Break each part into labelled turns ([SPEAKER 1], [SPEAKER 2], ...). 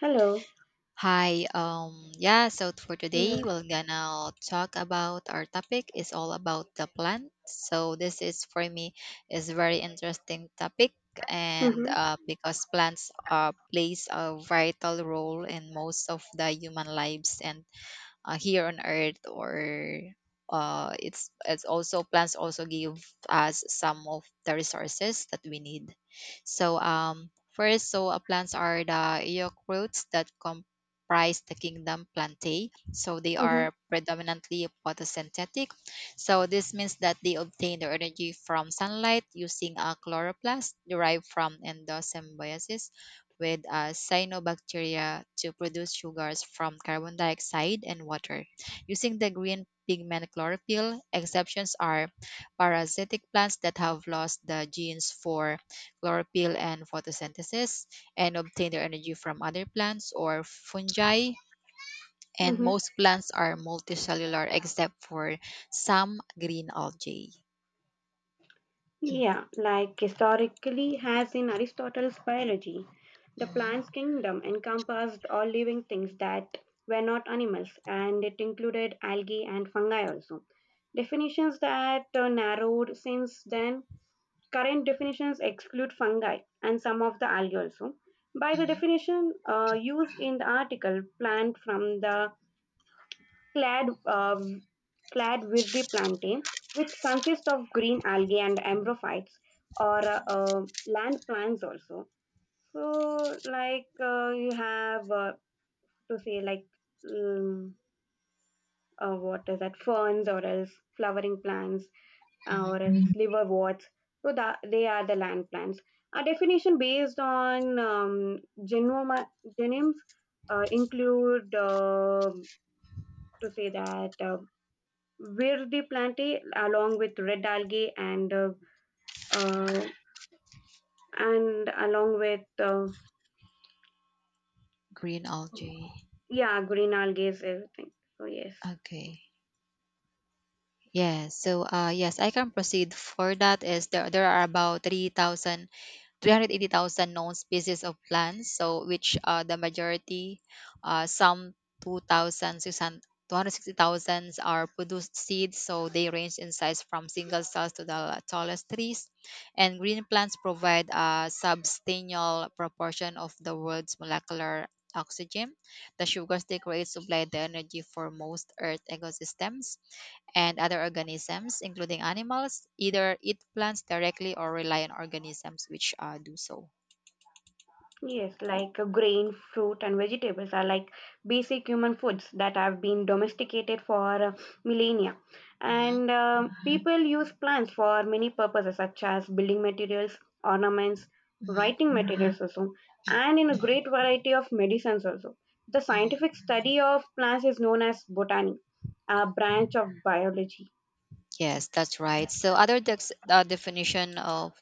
[SPEAKER 1] Hello.
[SPEAKER 2] Hi. Yeah, so for
[SPEAKER 1] Hello.
[SPEAKER 2] today we're gonna talk about our topic is all about the plant. So this is for me is very interesting topic, and
[SPEAKER 1] Mm-hmm.
[SPEAKER 2] because plants plays a vital role in most of the human lives and here on earth, or it's also plants also give us some of the resources that we need. So first, so plants are the yoke roots that comprise the kingdom Plantae, so they
[SPEAKER 1] Mm-hmm.
[SPEAKER 2] are predominantly photosynthetic. So this means that they obtain their energy from sunlight using a chloroplast derived from endosymbiosis with cyanobacteria to produce sugars from carbon dioxide and water. Using the green pigment chlorophyll, exceptions are parasitic plants that have lost the genes for chlorophyll and photosynthesis and obtain their energy from other plants or fungi. And
[SPEAKER 1] Mm-hmm.
[SPEAKER 2] most plants are multicellular except for some green algae.
[SPEAKER 1] Yeah, like historically, as in Aristotle's biology, the
[SPEAKER 2] Mm-hmm,
[SPEAKER 1] plant's kingdom encompassed all living things that were not animals, and it included algae and fungi also. Definitions that narrowed since then, current definitions exclude fungi and some of the algae also. By the
[SPEAKER 2] mm-hmm,
[SPEAKER 1] definition used in the article, plant from the clad uh, clad verde plantain, which consists of green algae and ambrophytes or land plants also. So, like you have to say like um, what is that, ferns or else flowering plants,
[SPEAKER 2] mm-hmm.
[SPEAKER 1] or else liverworts. So that they are the land plants. A definition based on genoma, genomes include to say that, with the plant, along with red algae and, uh, and along with,
[SPEAKER 2] Green algae.
[SPEAKER 1] yeah, green algae, everything, so yes.
[SPEAKER 2] Okay. Yes. So, yes, I can proceed. For that is there are about 380,000 known species of plants, so which the majority, some 2,600 are produced seeds, so they range in size from single cells to the tallest trees. And green plants provide a substantial proportion of the world's molecular oxygen. The sugars they create supply the energy for most Earth ecosystems, and other organisms, including animals, either eat plants directly or rely on organisms which do so.
[SPEAKER 1] Yes, like grain, fruit, and vegetables are like basic human foods that have been domesticated for millennia.
[SPEAKER 2] Hmm.
[SPEAKER 1] And people use plants for many purposes, such as building materials, ornaments,
[SPEAKER 2] Hmm.
[SPEAKER 1] writing materials, also, and in a great variety of medicines, also. The
[SPEAKER 2] Hmm.
[SPEAKER 1] scientific study of plants is known as botany, a branch of biology.
[SPEAKER 2] Yes, that's right. So other definition of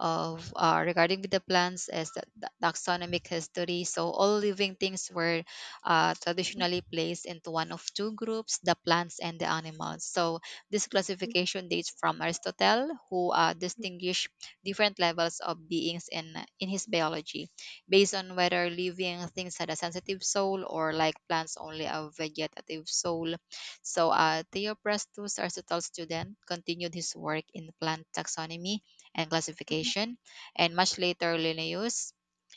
[SPEAKER 2] regarding with the plants is the taxonomic history. So all living things were traditionally placed into one of two groups, the plants and the animals. So this classification dates from Aristotle, who distinguished different levels of beings in his biology, based on whether living things had a sensitive soul, or like plants only a vegetative soul. So Theophrastus, Aristotle's student, continued his work in plant taxonomy and classification, and much later Linnaeus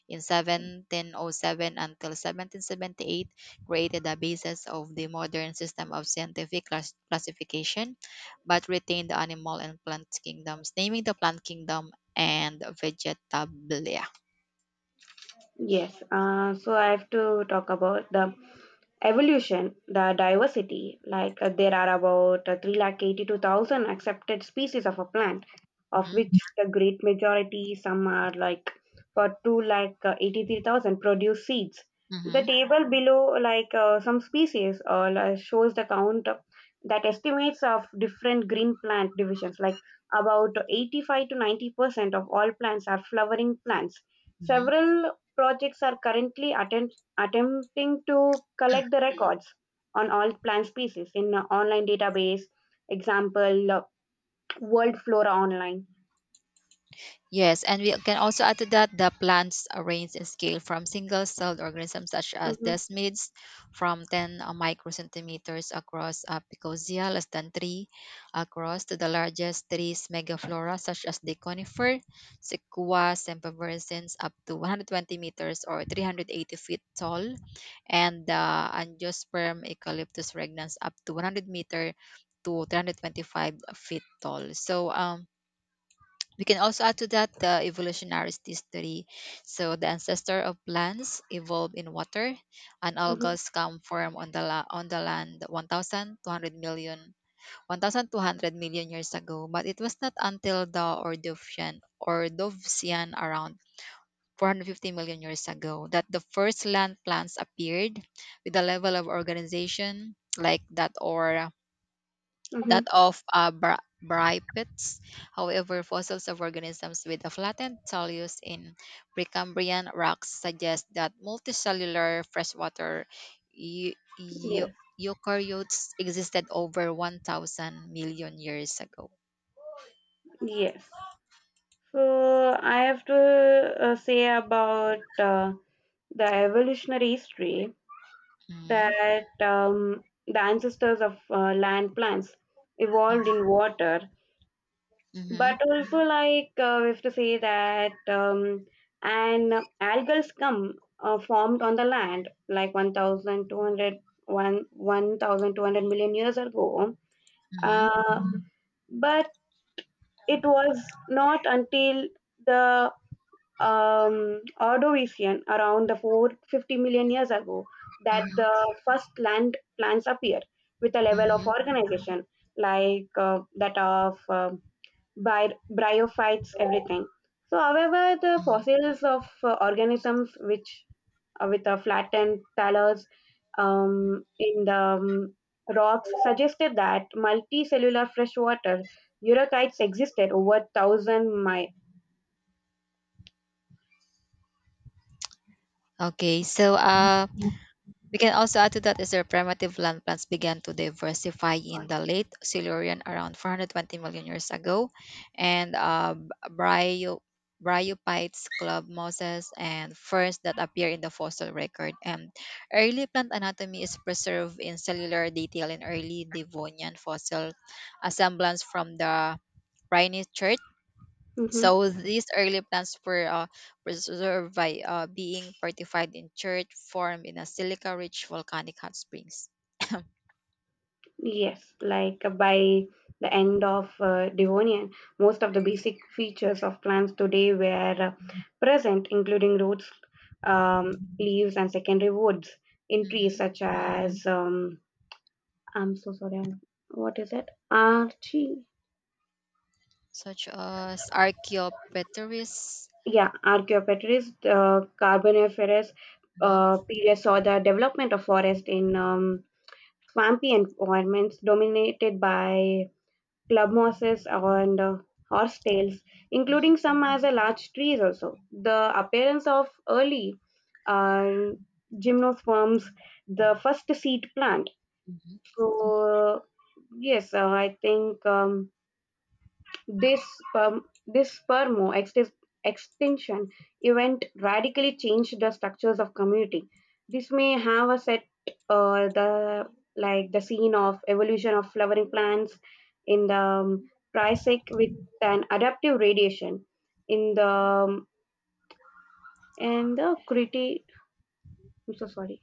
[SPEAKER 2] in 1707 until 1778 created the basis of the modern system of scientific classification, but retained the animal and plant kingdoms, naming the plant kingdom and Vegetabilia.
[SPEAKER 1] Yes, so I have to talk about the evolution, the diversity. Like there are about 382,000 accepted species of a plant, of
[SPEAKER 2] Mhm,
[SPEAKER 1] which the great majority, some are like for two lakh eighty-three thousand produce seeds. The
[SPEAKER 2] mhm,
[SPEAKER 1] table below, like some species, shows the that estimates of different green plant divisions. Like about 85 to 90% of all plants are flowering plants.
[SPEAKER 2] mhm.
[SPEAKER 1] Several projects are currently attempting to collect the records on all plant species in an online database. Example, World Flora Online.
[SPEAKER 2] Yes, and we can also add to that the plants range in scale from single-celled organisms such as
[SPEAKER 1] Mm-hmm,
[SPEAKER 2] desmids, from 10 microcentimeters across, picosia, less than 3 across, to the largest trees megaflora such as the conifer, Sequoia sempervirens, up to 120 meters or 380 feet tall, and the angiosperm Eucalyptus regnans, up to 100 meter to 325 feet tall. So, we can also add to that the evolutionary history. So the ancestor of plants evolved in water, and
[SPEAKER 1] mm-hmm,
[SPEAKER 2] algal scum formed on the on the land 1,200 million years ago. But it was not until the Ordovician or Dovesian around 450 million years ago that the first land plants appeared, with a level of organization like that, or
[SPEAKER 1] mm-hmm.
[SPEAKER 2] that of bipeds. However, fossils of organisms with a flattened talus in Precambrian rocks suggest that multicellular freshwater eu- eu-
[SPEAKER 1] Yes,
[SPEAKER 2] eukaryotes existed over 1,000 million years ago.
[SPEAKER 1] yes. So I have to say about the evolutionary history,
[SPEAKER 2] Mhm,
[SPEAKER 1] that the ancestors of land plants evolved
[SPEAKER 2] mhm,
[SPEAKER 1] in water,
[SPEAKER 2] mhm,
[SPEAKER 1] but also, like we have to say that an algal scum formed on the land, like one thousand two hundred one 1,200 million years ago. uh,
[SPEAKER 2] mhm,
[SPEAKER 1] Mhm. But it was not until the Ordovician, around the 450 million years ago, that
[SPEAKER 2] mhm,
[SPEAKER 1] the first land plants appear with a level of
[SPEAKER 2] mhm,
[SPEAKER 1] organization like that of by bryophytes, everything. So, however, the
[SPEAKER 2] mhm.
[SPEAKER 1] fossils of organisms, which, with a flattened talus, in the rocks, suggested that multicellular freshwater eukaryotes existed over 1,000 miles.
[SPEAKER 2] Okay, so we can also add to that is their primitive land plants began to diversify in the late Silurian around 420 million years ago, and bryophytes, club mosses, and ferns that appear in the fossil record. And early plant anatomy is preserved in cellular detail in early Devonian fossil assemblance from the Rhine, so these early plants were preserved by being fortified in church, formed in a silica-rich volcanic hot springs.
[SPEAKER 1] Yes, like by the end of Devonian, most of the basic features of plants today were present, including roots, leaves, and secondary woods in trees
[SPEAKER 2] Hmm.
[SPEAKER 1] such as, I'm so sorry, what is it? Archie.
[SPEAKER 2] Such as Archaeopteryx.
[SPEAKER 1] Yeah, Archaeopteryx, Carboniferous
[SPEAKER 2] Mm-hmm.
[SPEAKER 1] period saw the development of forest in swampy environments dominated by club mosses and horse tails, including some as a large trees also. The appearance of early uh, gymnosperms, the first seed plant.
[SPEAKER 2] Mm-hmm.
[SPEAKER 1] So yes, I think. This, this extinction event radically changed the structures of community. This may have a set, uh, the the scene of evolution of flowering plants in the Triassic with an adaptive radiation in the and the Crete. I'm so sorry.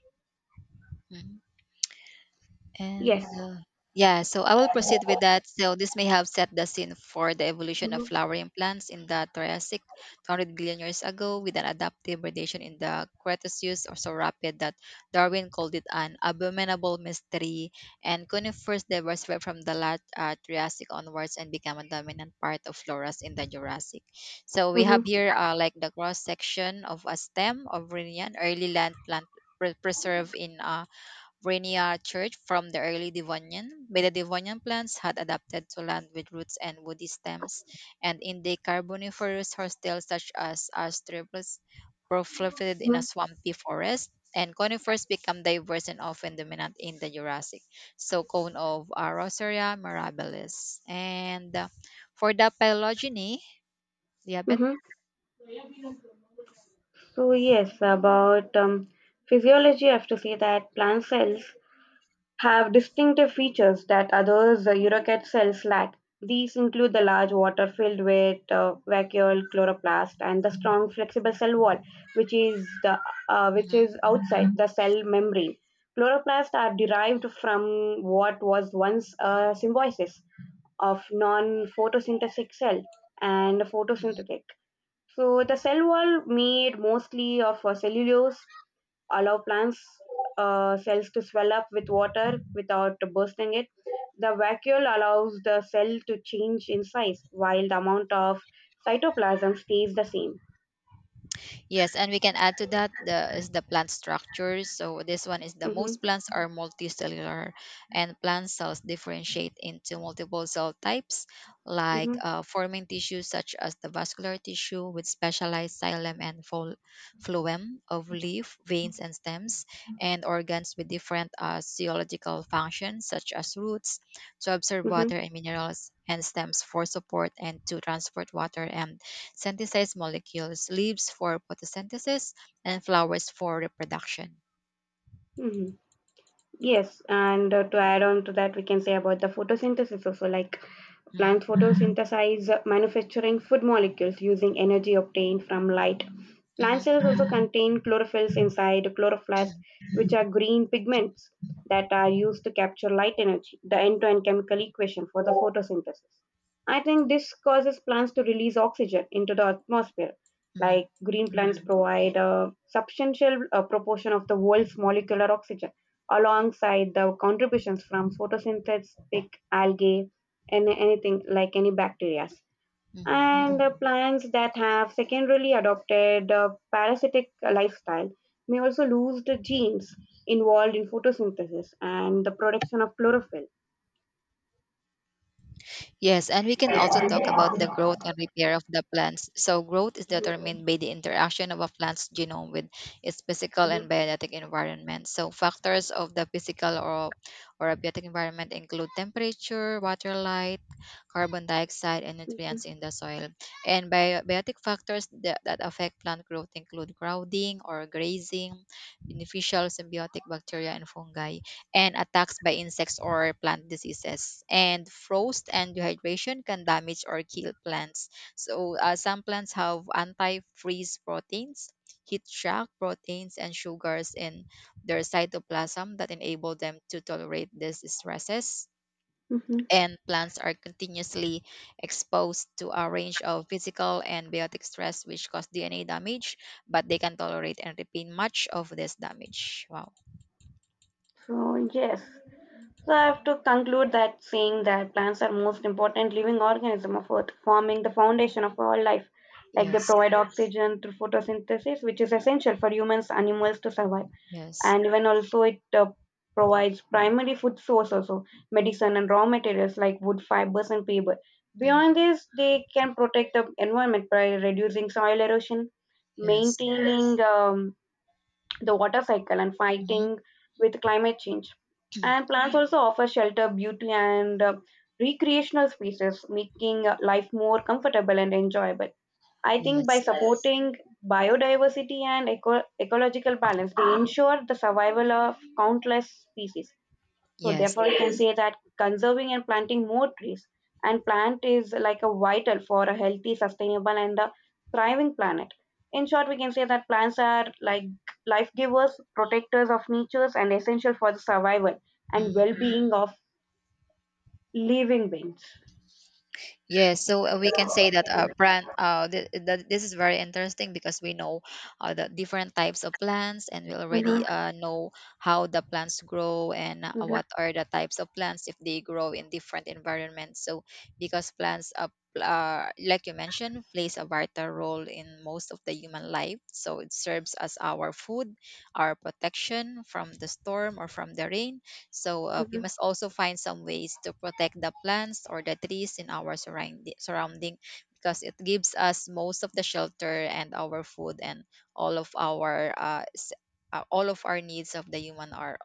[SPEAKER 1] Yes.
[SPEAKER 2] And yeah, so I will proceed with that. So this may have set the scene for the evolution of
[SPEAKER 1] Mm-hmm.
[SPEAKER 2] flowering plants in the Triassic 200 billion years ago, with an adaptive radiation in the Cretaceous, or so rapid that Darwin called it an abominable mystery. And conifers diversified from the late Triassic onwards and became a dominant part of floras in the Jurassic. So we have
[SPEAKER 1] Hmm.
[SPEAKER 2] here like the cross section of a stem of Rhenian, early land plant preserved in Ranier church from the early Devonian. By the Devonian, plants had adapted to land with roots and woody stems, and in the Carboniferous, hostels such as Astroplus proliferated in a swampy forest, and conifers become diverse and often dominant in the Jurassic. So cone of Rosaria mirabilis. And for the phylogeny, diabet.
[SPEAKER 1] Mm-hmm. So yes, about physiology, I have to say that plant cells have distinctive features that others, Eurocat cells, lack. These include the large water filled with vacuole chloroplast and the strong flexible cell wall, which is the which is outside the cell membrane. Chloroplasts are derived from what was once a symbiosis of non-photosynthetic cell and photosynthetic. So the cell wall, made mostly of cellulose, allow plants cells to swell up with water without bursting it. The vacuole allows the cell to change in size while the amount of cytoplasm stays the same.
[SPEAKER 2] Yes, and we can add to that the is the plant structures. So this one is the
[SPEAKER 1] Mm-hmm,
[SPEAKER 2] most plants are multicellular, and plant cells differentiate into multiple cell types, like
[SPEAKER 1] mm-hmm,
[SPEAKER 2] forming tissues such as the vascular tissue with specialized xylem and phloem of leaf, veins, and stems, and organs with different physiological functions such as roots to absorb
[SPEAKER 1] mm-hmm,
[SPEAKER 2] water and minerals, and stems for support and to transport water and synthesized molecules, leaves for photosynthesis, and flowers for reproduction.
[SPEAKER 1] mm-hmm. Yes, and to add on to that, we can say about the photosynthesis, also like
[SPEAKER 2] Hmm.
[SPEAKER 1] plants photosynthesize, manufacturing food molecules using energy obtained from light.
[SPEAKER 2] Hmm.
[SPEAKER 1] Plant cells also contain chlorophylls inside chloroplasts,
[SPEAKER 2] Hmm.
[SPEAKER 1] which are green pigments that are used to capture light energy, the end to end chemical equation for the photosynthesis. I think this causes plants to release oxygen into the atmosphere.
[SPEAKER 2] Hmm.
[SPEAKER 1] Like green plants provide a substantial proportion of the world's molecular oxygen, alongside the contributions from photosynthetic algae and anything like any bacteria,
[SPEAKER 2] Hmm.
[SPEAKER 1] and plants that have secondarily adopted a parasitic lifestyle may also lose the genes involved in photosynthesis and the production of chlorophyll.
[SPEAKER 2] Yes, and we can also talk about the growth and repair of the plants. So, growth is determined by the interaction of a plant's genome with its physical and
[SPEAKER 1] Mhm.
[SPEAKER 2] biotic environment. So, factors of the physical, or abiotic environment, include temperature, water, light, carbon dioxide, and nutrients in the soil. And biotic factors that affect plant growth include crowding or grazing, beneficial symbiotic bacteria, and fungi, and attacks by insects or plant diseases. And frost and dehydration can damage or kill plants. So some plants have anti-freeze proteins, heat shock proteins, and sugars in their cytoplasm that enable them to tolerate these stresses.
[SPEAKER 1] Mhm.
[SPEAKER 2] And plants are continuously exposed to a range of physical and biotic stress, which cause DNA damage, but they can tolerate and repair much of this damage. Wow.
[SPEAKER 1] So, yes. So, I have to conclude, that saying that plants are most important living organism of Earth, forming the foundation of all life. Like they
[SPEAKER 2] Yes.
[SPEAKER 1] provide oxygen through photosynthesis, which is essential for humans, animals to survive.
[SPEAKER 2] Yes.
[SPEAKER 1] And even also it provides primary food source, also medicine and raw materials like wood fibers and paper.
[SPEAKER 2] Mhm.
[SPEAKER 1] Beyond this, they can protect the environment by reducing soil erosion,
[SPEAKER 2] Yes.
[SPEAKER 1] maintaining, yes, the water cycle, and
[SPEAKER 2] Mhm.
[SPEAKER 1] fighting with climate change. And plants also offer shelter, beauty, and recreational spaces, making life more comfortable and enjoyable, I think, by, yes,
[SPEAKER 2] Yes.
[SPEAKER 1] supporting biodiversity and ecological balance. They ensure the survival of countless species. So,
[SPEAKER 2] Yes.
[SPEAKER 1] therefore, you can, yes, say that conserving and planting more trees and plant is like a vital for a healthy, sustainable, and a thriving planet. In short, we can say that plants are, like, life givers, protectors of natures, and essential for the survival and
[SPEAKER 2] Mhm.
[SPEAKER 1] well being of living beings.
[SPEAKER 2] Yes. So we can say that plant. This is very interesting, because we know the different types of plants, and we already
[SPEAKER 1] Mm-hmm,
[SPEAKER 2] know how the plants grow and
[SPEAKER 1] mm-hmm,
[SPEAKER 2] what are the types of plants if they grow in different environments. So because plants, like you mentioned, plays a vital role in most of the human life. So it serves as our food, our protection from the storm or from the rain. So we
[SPEAKER 1] mm-hmm,
[SPEAKER 2] must also find some ways to protect the plants or the trees in our surrounding, because it gives us most of the shelter and our food, and all of our all of our needs of the human are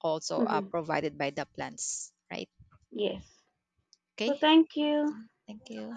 [SPEAKER 2] also
[SPEAKER 1] mm-hmm.
[SPEAKER 2] provided by the plants, right?
[SPEAKER 1] Yes. So,
[SPEAKER 2] Okay.
[SPEAKER 1] thank you.
[SPEAKER 2] Thank you.